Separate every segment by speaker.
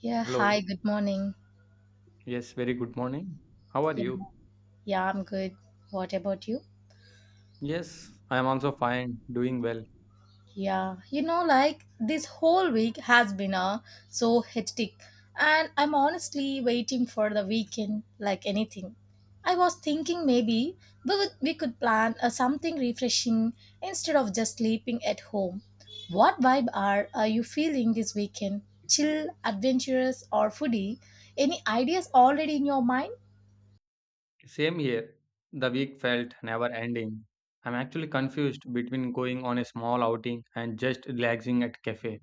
Speaker 1: Yeah,
Speaker 2: Hello.
Speaker 1: hi, good morning.
Speaker 2: Yes, very good morning. How are
Speaker 1: Yeah,
Speaker 2: you?
Speaker 1: yeah, I'm good. What about you?
Speaker 2: Yes, I am also fine, doing well.
Speaker 1: Yeah, like this whole week has been so hectic, and I'm honestly waiting for the weekend like anything. I was thinking maybe we could plan something refreshing instead of just sleeping at home. What vibe are you feeling this weekend? Chill, adventurous, or foodie? Any ideas already in your mind?
Speaker 2: Same here. The week felt never ending. I'm actually confused between going on a small outing and just relaxing at cafe.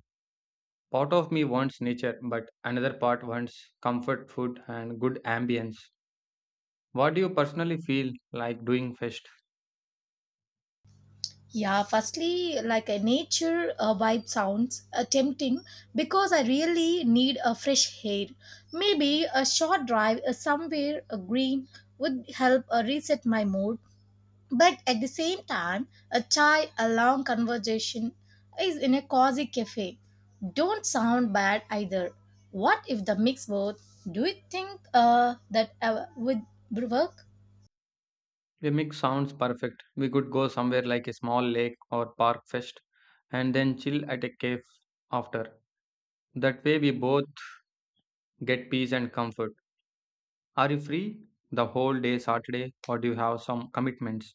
Speaker 2: Part of me wants nature, but another part wants comfort food and good ambience. What do you personally feel like doing first?
Speaker 1: Yeah, firstly, like a nature vibe sounds tempting because I really need a fresh air. Maybe a short drive somewhere green would help reset my mood. But at the same time, a chai, a long conversation is in a cozy cafe. Don't sound bad either. What if the mix both? Do you think that would work?
Speaker 2: The mix sounds perfect. We could go somewhere like a small lake or park first and then chill at a cave after. That way we both get peace and comfort. Are you free the whole day Saturday or do you have some commitments?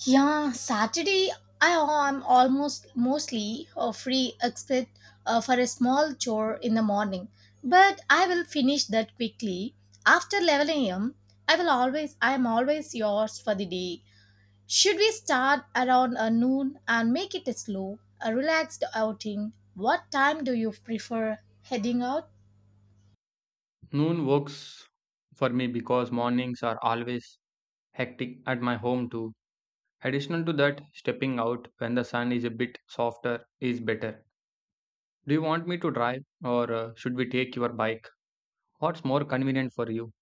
Speaker 1: Yeah, Saturday I am almost mostly free except for a small chore in the morning, but I will finish that quickly. After 11 a.m., I am always yours for the day. Should we start around noon and make it a slow, a relaxed outing? What time do you prefer heading out?
Speaker 2: Noon works for me because mornings are always hectic at my home too. Additional to that, stepping out when the sun is a bit softer is better. Do you want me to drive or should we take your bike? What's more convenient for you?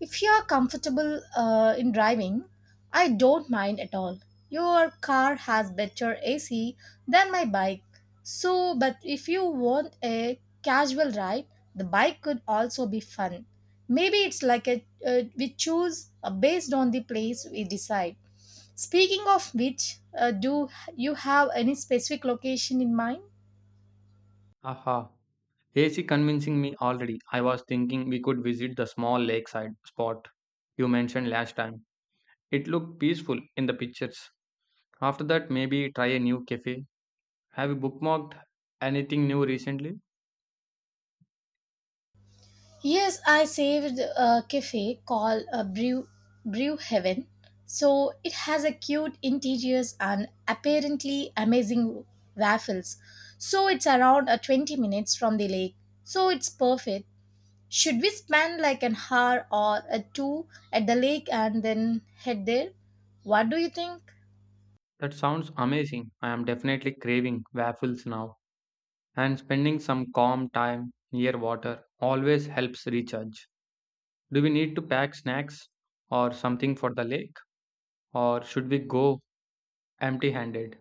Speaker 1: If you are comfortable in driving, I don't mind at all. Your car has better AC than my bike. So, but if you want a casual ride, the bike could also be fun. Maybe it's like a we choose based on the place we decide. Speaking of which, do you have any specific location in mind?
Speaker 2: Aha. AC convincing me already. I was thinking we could visit the small lakeside spot you mentioned last time. It looked peaceful in the pictures. After that, maybe try a new cafe. Have you bookmarked anything new recently?
Speaker 1: Yes, I saved a cafe called a Brew Heaven. So it has a cute interiors and apparently amazing waffles. So it's around a 20 minutes from the lake. So it's perfect. Should we spend like an hour or a two at the lake and then head there? What do you think?
Speaker 2: That sounds amazing. I am definitely craving waffles now. And spending some calm time near water always helps recharge. Do we need to pack snacks or something for the lake? Or should we go empty handed?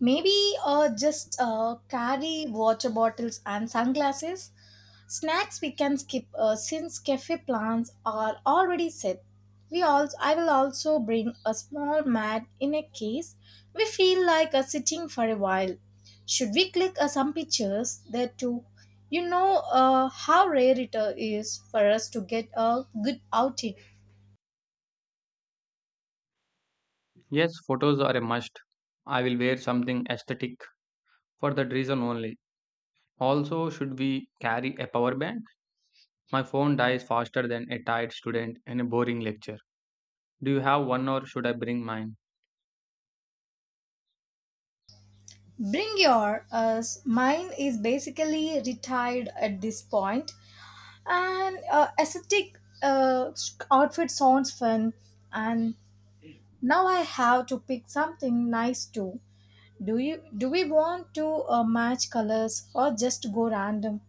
Speaker 1: Maybe just carry water bottles and sunglasses. Snacks we can skip since cafe plans are already set. We also I will also bring a small mat in a case we feel like sitting for a while. Should we click some pictures there too? You know how rare it is for us to get a good outing.
Speaker 2: Yes, photos are a must. I will wear something aesthetic for that reason only. Also, should we carry a power bank? My phone dies faster than a tired student in a boring lecture. Do you have one or should I bring mine?
Speaker 1: Bring your us. Mine is basically retired at this point. And aesthetic outfit sounds fun and now I have to pick something nice too. Do we want to match colors or just go random?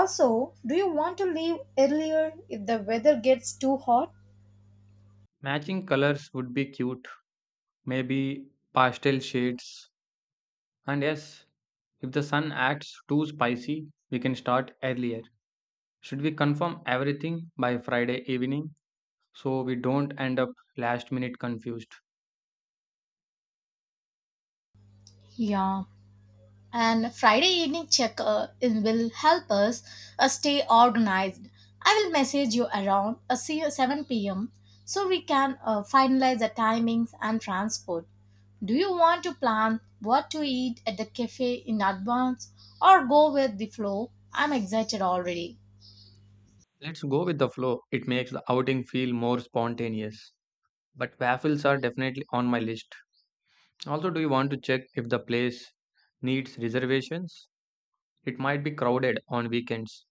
Speaker 1: Also, do you want to leave earlier if the weather gets too hot?
Speaker 2: Matching colors would be cute, maybe pastel shades. And yes, if the sun acts too spicy, we can start earlier. Should we confirm everything by Friday evening so we don't end up last minute confused?
Speaker 1: Yeah, and Friday evening check in will help us stay organized. I will message you around see you 7 p.m. so we can finalize the timings and transport. Do you want to plan what to eat at the cafe in advance or go with the flow? I'm excited already.
Speaker 2: Let's go with the flow. It makes the outing feel more spontaneous. But waffles are definitely on my list. Also, do you want to check if the place needs reservations? It might be crowded on weekends.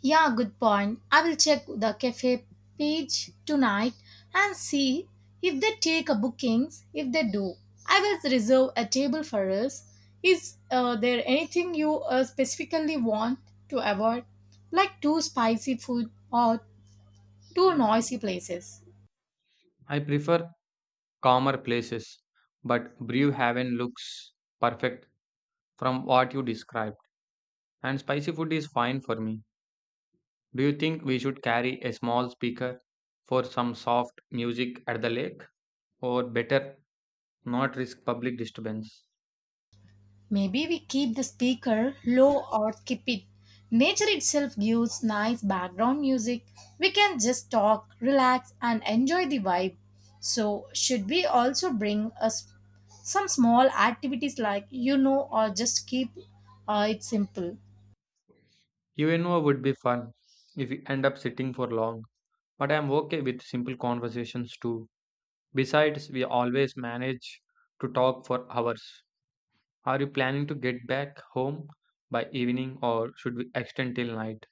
Speaker 1: Yeah, good point. I will check the cafe page tonight and see if they take a bookings. If they do, I will reserve a table for us. Is there anything you specifically want to avoid, like too spicy food or too noisy places?
Speaker 2: I prefer calmer places, but Brewhaven looks perfect from what you described, and spicy food is fine for me. Do you think we should carry a small speaker for some soft music at the lake, or better not risk public disturbance?
Speaker 1: Maybe we keep the speaker low or skip it. Nature itself gives nice background music. We can just talk, relax, and enjoy the vibe. So, should we also bring us some small activities like you know, or just keep it simple?
Speaker 2: UNO would be fun if we end up sitting for long, but I am okay with simple conversations too. Besides, we always manage to talk for hours. Are you planning to get back home by evening or should we extend till night?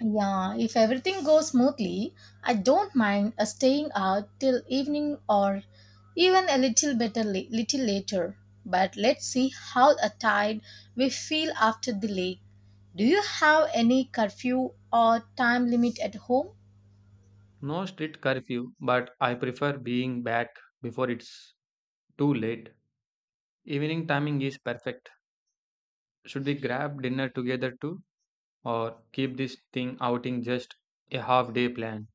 Speaker 1: Yeah, if everything goes smoothly, I don't mind staying out till evening or even a little little later. But let's see how tired we feel after the lake. Do you have any curfew or time limit at home?
Speaker 2: No strict curfew, but I prefer being back before it's too late. Evening timing is perfect. Should we grab dinner together too or keep this thing outing just a half day plan?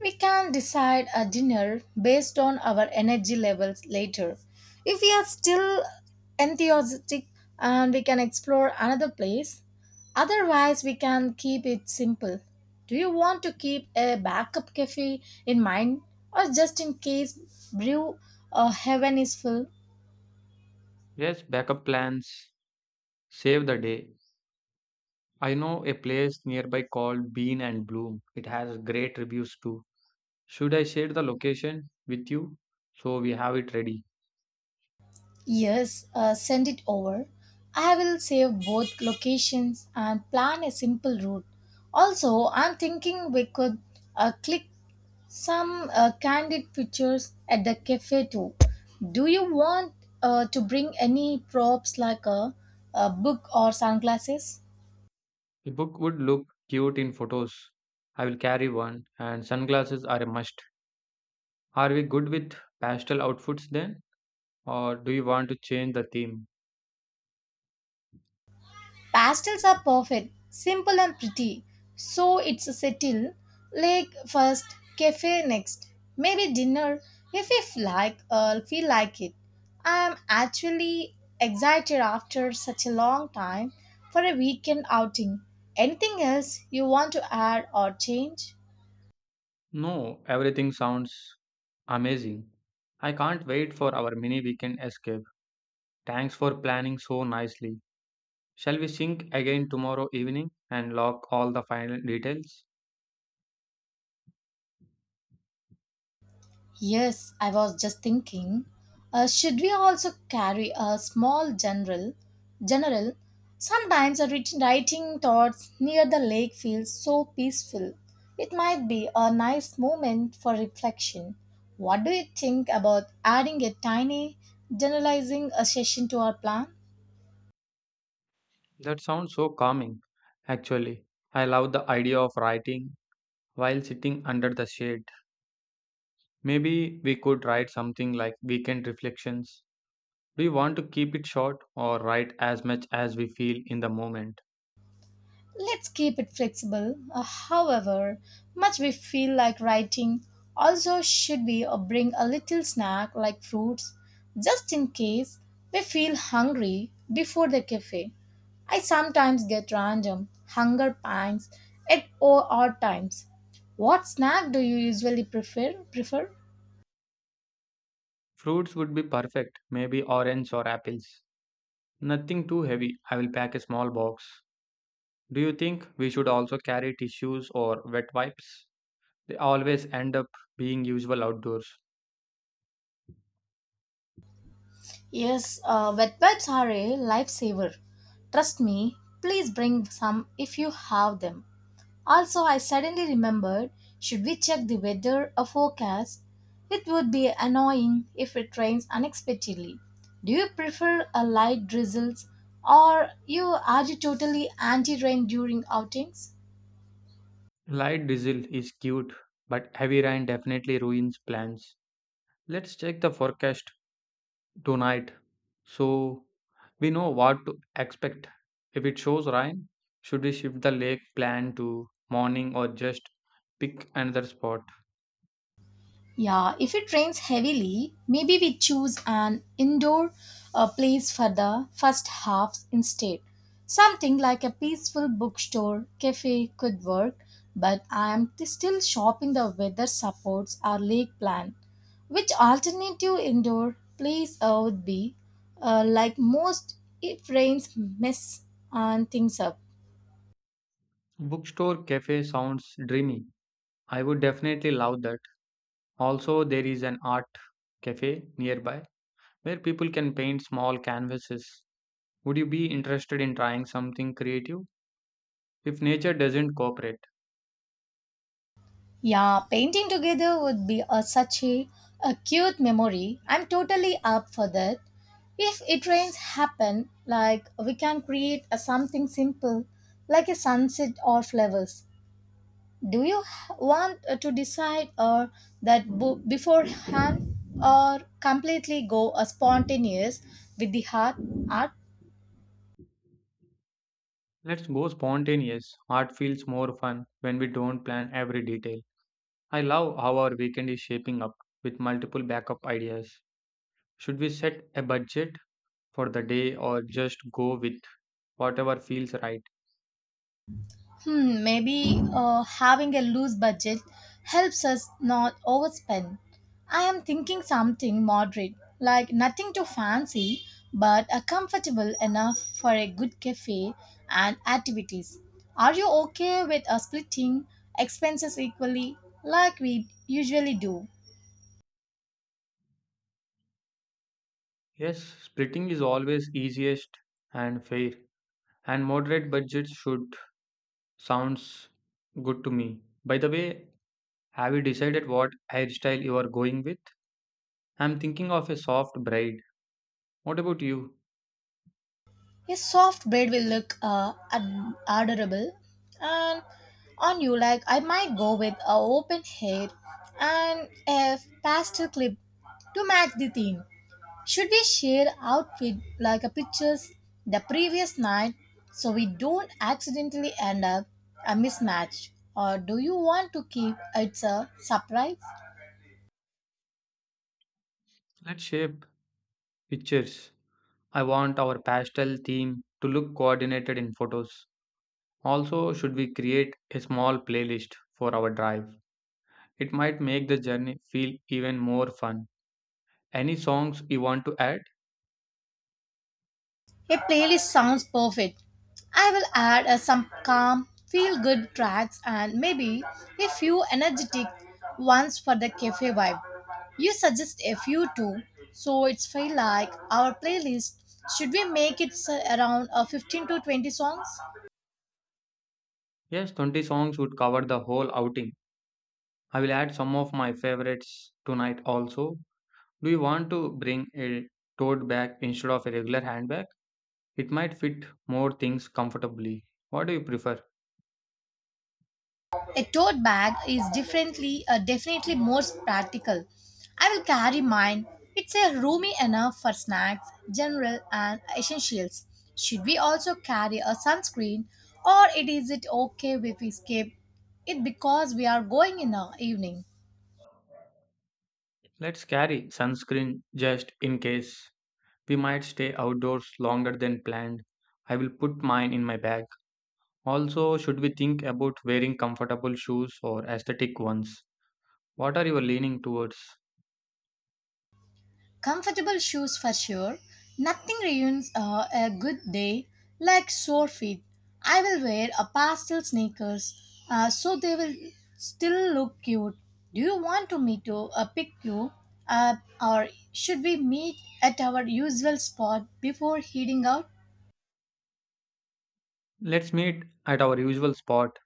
Speaker 1: We can decide a dinner based on our energy levels later. If we are still enthusiastic and we can explore another place, otherwise, we can keep it simple. Do you want to keep a backup cafe in mind or just in case brew heaven is full?
Speaker 2: Yes, backup plans save the day. I know a place nearby called Bean and Bloom. It has great reviews too. Should I share the location with you so we have it ready?
Speaker 1: Yes, send it over. I will save both locations and plan a simple route. Also, I'm thinking we could click some candid pictures at the cafe too. Do you want to bring any props like a book or sunglasses?
Speaker 2: The book would look cute in photos. I will carry one, and sunglasses are a must. Are we good with pastel outfits then? Or do you want to change the theme?
Speaker 1: Pastels are perfect, simple and pretty. So it's a settle. Lake first, cafe next. Maybe dinner if you like feel like it. I'm actually excited after such a long time for a weekend outing. Anything else you want to add or change?
Speaker 2: No, everything sounds amazing. I can't wait for our mini weekend escape. Thanks for planning so nicely. Shall we sync again tomorrow evening and lock all the final details?
Speaker 1: Yes, I was just thinking, should we also carry a small general? General, sometimes a writing thoughts near the lake feels so peaceful. It might be a nice moment for reflection. What do you think about adding a tiny generalizing a session to our plan?
Speaker 2: That sounds so calming. Actually, I love the idea of writing while sitting under the shade. Maybe we could write something like weekend reflections. Do you want to keep it short or write as much as we feel in the moment?
Speaker 1: Let's keep it flexible. However much we feel like writing, also should we bring a little snack like fruits just in case we feel hungry before the cafe. I sometimes get random hunger pangs at odd times. What snack do you usually prefer? Prefer?
Speaker 2: Fruits would be perfect, maybe orange or apples. Nothing too heavy. I will pack a small box. Do you think we should also carry tissues or wet wipes? They always end up being useful outdoors.
Speaker 1: Yes, wet wipes are a lifesaver. Trust me, please bring some if you have them. Also, I suddenly remembered should we check the weather or forecast? It would be annoying if it rains unexpectedly. Do you prefer a light drizzles or you totally anti-rain during outings?
Speaker 2: Light drizzle is cute, but heavy rain definitely ruins plans. Let's check the forecast tonight so we know what to expect. If it shows rain, should we shift the lake plan to morning or just pick another spot?
Speaker 1: Yeah, if it rains heavily, maybe we choose an indoor place for the first half instead. Something like a peaceful bookstore, cafe could work, but I am still shopping the weather supports our lake plan. Which alternative indoor place would be like most if rains mess and things up?
Speaker 2: Bookstore cafe sounds dreamy. I would definitely love that. Also, there is an art cafe nearby where people can paint small canvases. Would you be interested in trying something creative? If nature doesn't cooperate,
Speaker 1: Yeah, painting together would be such a cute memory. I'm totally up for that. If it rains happen, like we can create a something simple, like a sunset or flowers. Do you want to decide or that beforehand or completely go a spontaneous with the heart art?
Speaker 2: let's go spontaneous. Art feels more fun when we don't plan every detail. I love how our weekend is shaping up with multiple backup ideas. Should we set a budget for the day or just go with whatever feels right?
Speaker 1: Hmm, maybe having a loose budget helps us not overspend. I am thinking something moderate, like nothing too fancy, but comfortable enough for a good cafe and activities. Are you okay with splitting expenses equally, like we usually do?
Speaker 2: Yes, splitting is always easiest and fair, and moderate budgets should sounds good to me. By the way, have you decided what hairstyle you are going with? I'm thinking of a soft braid. What about you?
Speaker 1: A soft braid will look adorable and on you. Like I might go with a open hair and a pastel clip to match the theme. Should we share outfit like a pictures the previous night so we don't accidentally end up a mismatch or do you want to keep it a surprise?
Speaker 2: Let's shape pictures. I want our pastel theme to look coordinated in photos. Also, should we create a small playlist for our drive? It might make the journey feel even more fun. Any songs you want to add?
Speaker 1: A playlist sounds perfect. I will add some calm, feel good tracks and maybe a few energetic ones for the cafe vibe. You suggest a few too, so it's feel like our playlist. Should we make it around 15 to 20 songs?
Speaker 2: Yes, 20 songs would cover the whole outing. I will add some of my favorites tonight also. Do you want to bring a tote bag instead of a regular handbag? It might fit more things comfortably. What do you prefer?
Speaker 1: A tote bag is definitely more practical. I will carry mine. It's a roomy enough for snacks, general and essentials. Should we also carry a sunscreen, or it is it okay if we skip it because we are going in the evening?
Speaker 2: Let's carry sunscreen just in case. We might stay outdoors longer than planned. I will put mine in my bag. Also, should we think about wearing comfortable shoes or aesthetic ones? What are you leaning towards?
Speaker 1: Comfortable shoes for sure. Nothing ruins a good day like sore feet. I will wear a pastel sneakers so they will still look cute. Do you want to me to pick you up or should we meet at our usual spot before heading out?
Speaker 2: Let's meet at our usual spot.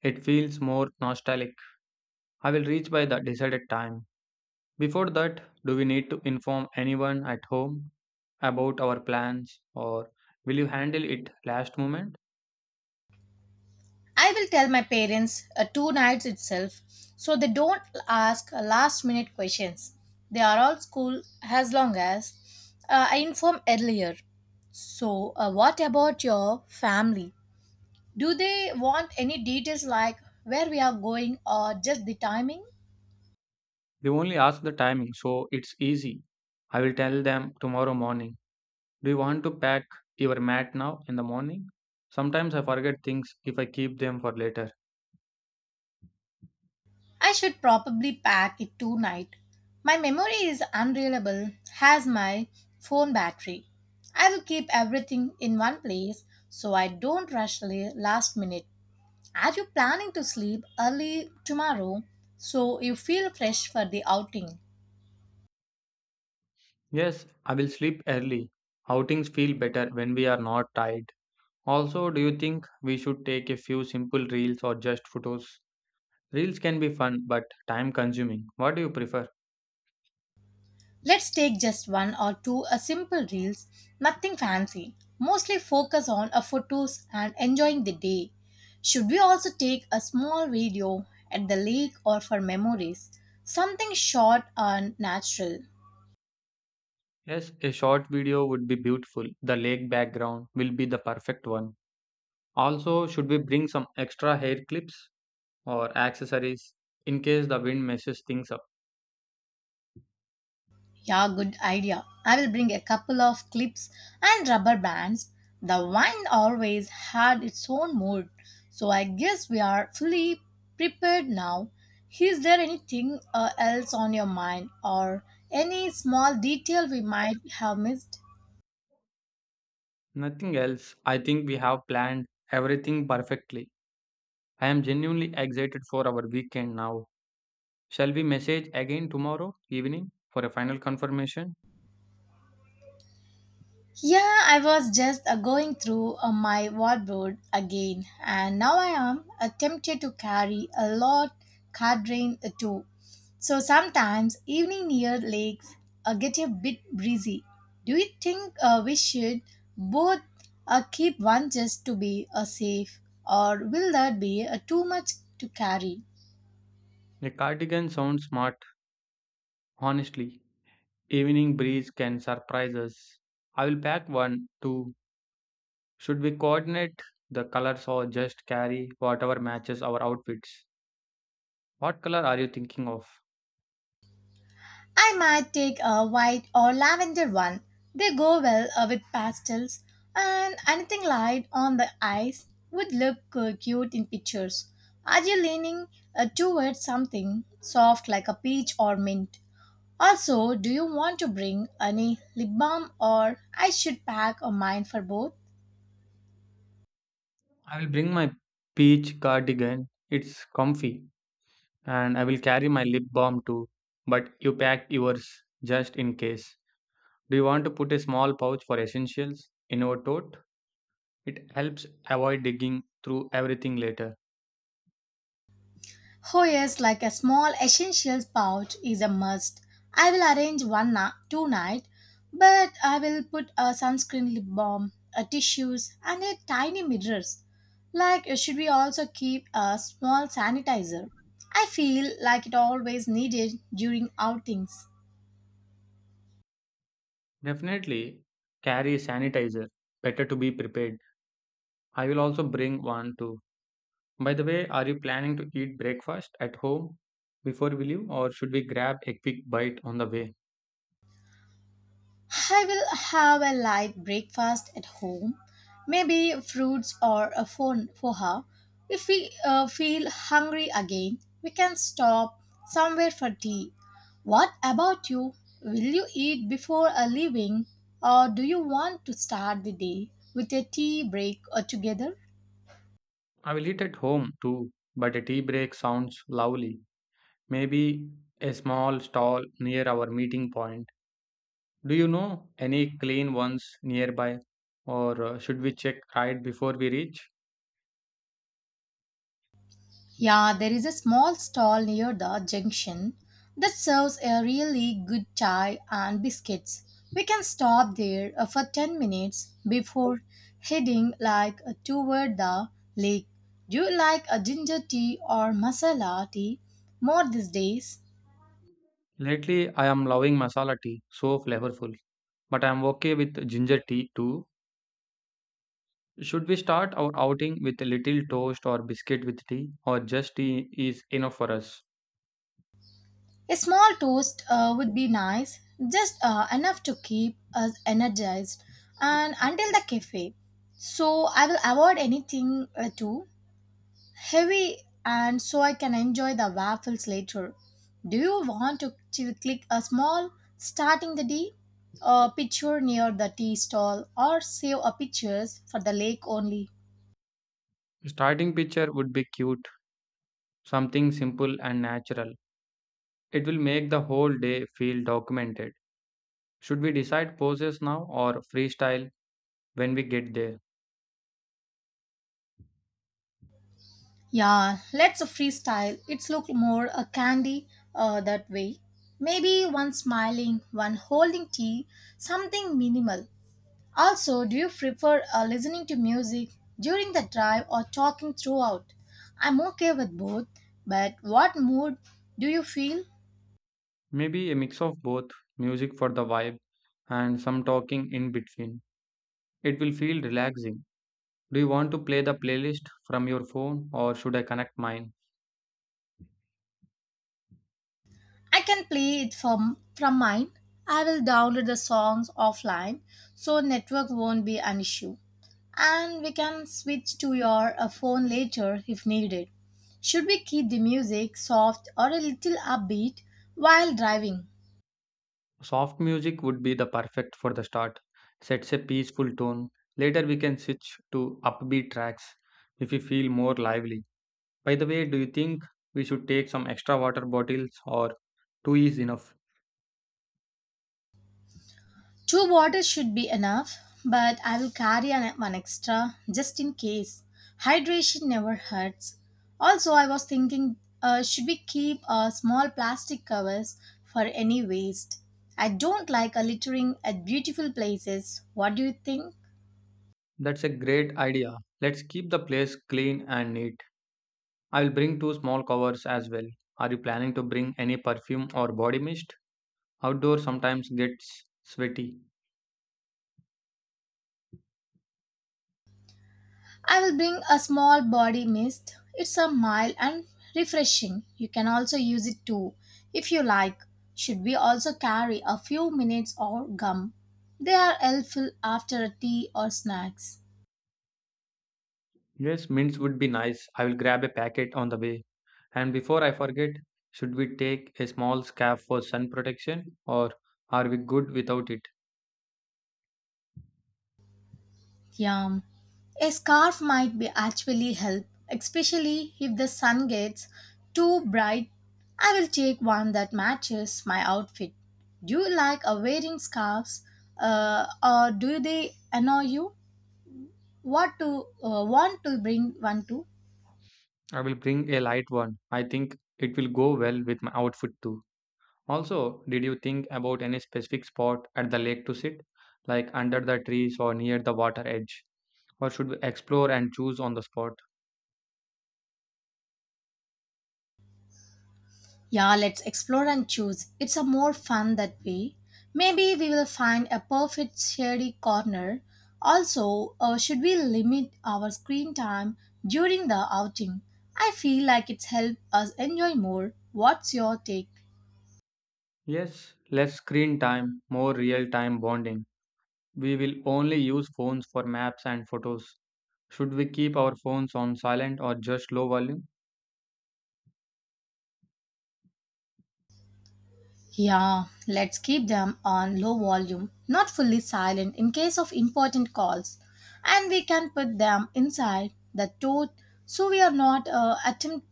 Speaker 2: It feels more nostalgic. I will reach by the decided time. Before that, do we need to inform anyone at home about our plans or will you handle it last moment?
Speaker 1: I will tell my parents two nights itself so they don't ask last minute questions. They are all cool as long as I inform earlier. So, what about your family? Do they want any details like where we are going or just the timing?
Speaker 2: They only ask the timing, so it's easy. I will tell them tomorrow morning. Do you want to pack your mat now in the morning? Sometimes I forget things if I keep them for later.
Speaker 1: I should probably pack it tonight. My memory is unreliable, has my phone battery. I will keep everything in one place so I don't rush last minute. As you're planning to sleep early tomorrow, so you feel fresh for the outing.
Speaker 2: Yes, I will sleep early. Outings feel better when we are not tired. Also, do you think we should take a few simple reels or just photos? Reels can be fun but time consuming. What do you prefer?
Speaker 1: Let's take just one or two a simple reels, nothing fancy. Mostly focus on a photos and enjoying the day. Should we also take a small video at the lake or for memories? Something short and natural.
Speaker 2: Yes, a short video would be beautiful. The lake background will be the perfect one. Also, should we bring some extra hair clips or accessories in case the wind messes things up?
Speaker 1: Yeah, good idea. I will bring a couple of clips and rubber bands. The wine always had its own mood, so I guess we are fully prepared now. Is there anything else on your mind or any small detail we might have missed?
Speaker 2: Nothing else. I think we have planned everything perfectly. I am genuinely excited for our weekend now. Shall we message again tomorrow evening for a final confirmation?
Speaker 1: Yeah, I was just going through my wardrobe again, and now I am tempted to carry a lot cardine too. So sometimes evening near lakes get a bit breezy. Do you think we should both keep one just to be safe, or will that be too much to carry?
Speaker 2: A cardigan sounds smart, honestly. Evening breeze can surprise us. I will pack one too. Should we coordinate the colors or just carry whatever matches our outfits? What color are you thinking of?
Speaker 1: I might take a white or lavender one. They go well with pastels, and anything light on the eyes would look cute in pictures. Are you leaning towards something soft like a peach or mint? Also, do you want to bring any lip balm or I should pack a mine for both?
Speaker 2: I will bring my peach cardigan. It's comfy. And I will carry my lip balm too. But you pack yours just in case. Do you want to put a small pouch for essentials in our tote? It helps avoid digging through everything later.
Speaker 1: Oh yes, like a small essentials pouch is a must. I will arrange two night, but I will put a sunscreen lip balm, a tissues, and a tiny mirrors. Like should we also keep a small sanitizer? I feel like it always needed during outings.
Speaker 2: Definitely carry sanitizer. Better to be prepared. I will also bring one too. By the way, are you planning to eat breakfast at home before we leave, or should we grab a quick bite on the way?
Speaker 1: I will have a light breakfast at home, maybe fruits or a phone poha. If we feel hungry again, we can stop somewhere for tea. What about you? Will you eat before a leaving, or do you want to start the day with a tea break together?
Speaker 2: I will eat at home too, but a tea break sounds lovely. Maybe a small stall near our meeting point. Do you know any clean ones nearby, or should we check right before we reach?
Speaker 1: Yeah, there is a small stall near the junction that serves a really good chai and biscuits. We can stop there for 10 minutes before heading toward the lake. Do you like a ginger tea or masala tea more these days?
Speaker 2: Lately, I am loving masala tea, so flavorful. But I am okay with ginger tea too. Should we start our outing with a little toast or biscuit with tea, or just tea is enough for us?
Speaker 1: A small toast would be nice, just enough to keep us energized and until the cafe. So I will avoid anything too heavy and so I can enjoy the waffles later. Do you want to click a small starting the day a picture near the tea stall or save a pictures for the lake only?
Speaker 2: Starting picture would be cute, something simple and natural. It will make the whole day feel documented. Should we decide poses now or freestyle when we get there?
Speaker 1: Yeah, let's freestyle. It's look more a candy that way. Maybe one smiling, one holding tea, something minimal. Also, do you prefer listening to music during the drive or talking throughout? I'm okay with both, but what mood do you feel?
Speaker 2: Maybe a mix of both, music for the vibe and some talking in between. It will feel relaxing. Do you want to play the playlist from your phone or should I connect mine?
Speaker 1: I can play it from mine. I will download the songs offline so network won't be an issue. And we can switch to your phone later if needed. Should we keep the music soft or a little upbeat while driving?
Speaker 2: Soft music would be the perfect for the start. Sets a peaceful tone. Later we can switch to upbeat tracks if we feel more lively. By the way, do you think we should take some extra water bottles or two is enough?
Speaker 1: Two bottles should be enough, but I will carry one extra just in case. Hydration never hurts. Also, I was thinking, should we keep small plastic covers for any waste? I don't like littering at beautiful places. What do you think?
Speaker 2: That's a great idea. Let's keep the place clean and neat. I'll bring two small covers as well. Are you planning to bring any perfume or body mist? Outdoor sometimes gets sweaty.
Speaker 1: I will bring a small body mist. It's a mild and refreshing. You can also use it too if you like. Should we also carry a few minutes or gum? They are helpful after a tea or snacks.
Speaker 2: Yes, mints would be nice. I will grab a packet on the way. And before I forget, should we take a small scarf for sun protection or are we good without it?
Speaker 1: Yum. A scarf might be actually help, especially if the sun gets too bright. I will take one that matches my outfit. Do you like wearing scarves or do they annoy you? What to want to bring one to
Speaker 2: I will bring a light one. I think it will go well with my outfit too. Also, did you think about any specific spot at the lake to sit, like under the trees or near the water edge? Or should we explore and choose on the spot?
Speaker 1: yeah, let's explore and choose, it's a more fun that way. Maybe we will find a perfect shady corner. Also, should we limit our screen time during the outing? I feel like it's helped us enjoy more. What's your take?
Speaker 2: Yes, less screen time, more real time bonding. We will only use phones for maps and photos. Should we keep our phones on silent or just low volume?
Speaker 1: Yeah, let's keep them on low volume, not fully silent in case of important calls. And we can put them inside the tote, so we are not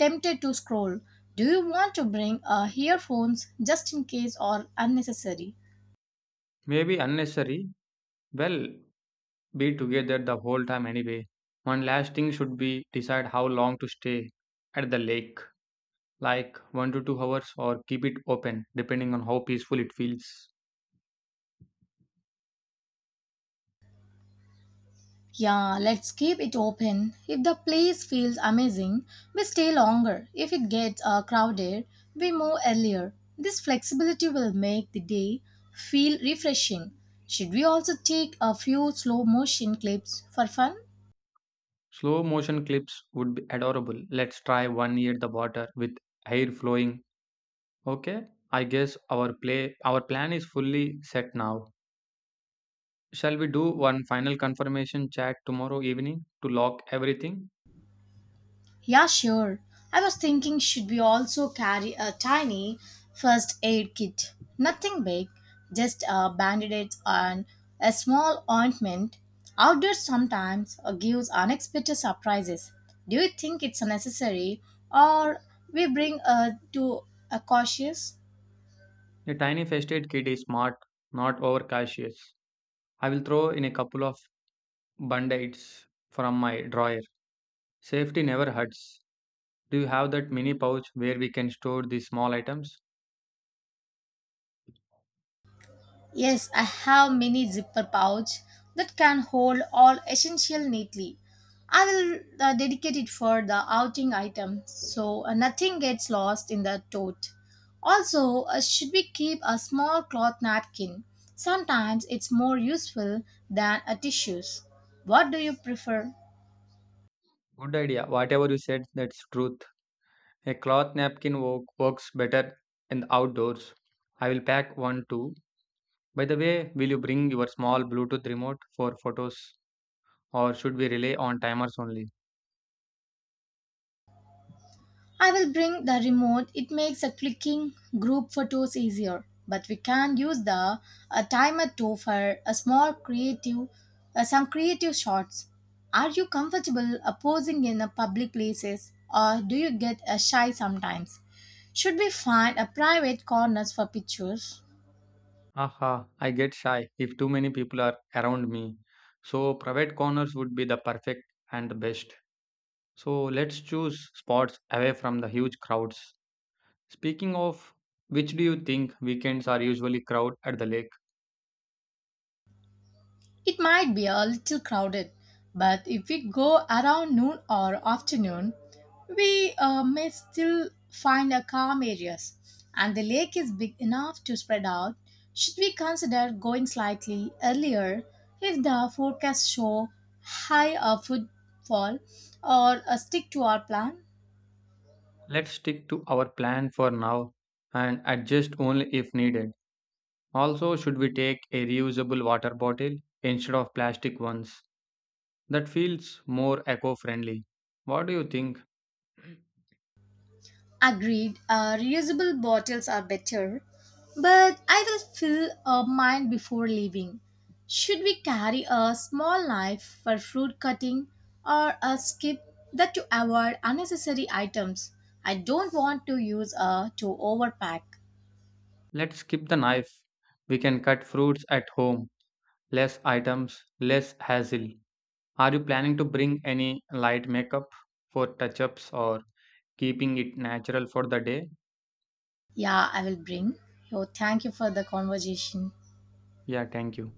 Speaker 1: tempted to scroll. Do you want to bring earphones just in case or unnecessary?
Speaker 2: Maybe unnecessary. Well, be together the whole time anyway. One last thing should be decide how long to stay at the lake, like 1 to 2 hours or keep it open depending on how peaceful it feels.
Speaker 1: Yeah, let's keep it open. If the place feels amazing, we stay longer. If it gets crowded, we move earlier. This flexibility will make the day feel refreshing. Should we also take a few slow motion clips for fun?
Speaker 2: Slow motion clips would be adorable. Let's try one near the water with hair flowing. Okay? I guess our plan is fully set now. Shall we do one final confirmation chat tomorrow evening to lock everything?
Speaker 1: Yeah, sure. I was thinking, should we also carry a tiny first aid kit? Nothing big, just a bandage and a small ointment. Outdoors sometimes gives unexpected surprises. Do you think it's necessary or we bring to a cautious?
Speaker 2: The tiny festive kid is smart, not overcautious. I will throw in a couple of band-aids from my drawer. Safety never hurts. Do you have that mini pouch where we can store these small items?
Speaker 1: Yes, I have mini zipper pouch that can hold all essential neatly. I will dedicate it for the outing item so nothing gets lost in the tote. Also, should we keep a small cloth napkin? Sometimes it's more useful than a tissues. What do you prefer?
Speaker 2: Good idea. Whatever you said, that's truth. A cloth napkin works better in the outdoors. I will pack one too. By the way, will you bring your small Bluetooth remote for photos or should we rely on timers only?
Speaker 1: I will bring the remote. It makes a clicking group photos easier. But we can use the a timer too for a small creative, some creative shots. Are you comfortable posing in a public places, or do you get shy sometimes? Should we find a private corners for pictures?
Speaker 2: Aha, I get shy if too many people are around me. So private corners would be the perfect and the best. So let's choose spots away from the huge crowds. Speaking of which do you think weekends are usually crowd at the lake?
Speaker 1: It might be a little crowded, but if we go around noon or afternoon, we may still find a calm areas, and the lake is big enough to spread out. Should we consider going slightly earlier if the forecast show high footfall, or stick to our plan?
Speaker 2: Let's stick to our plan for now and adjust only if needed. Also, should we take a reusable water bottle instead of plastic ones? That feels more eco-friendly. What do you think?
Speaker 1: Agreed, reusable bottles are better, but I will fill mine before leaving. Should we carry a small knife for fruit cutting or a skip that to avoid unnecessary items? I don't want to use a to overpack.
Speaker 2: Let's skip the knife. We can cut fruits at home. Less items, less hassle. Are you planning to bring any light makeup for touch ups or keeping it natural for the day?
Speaker 1: Yeah, I will bring. Yo, thank you for the conversation.
Speaker 2: Yeah, thank you.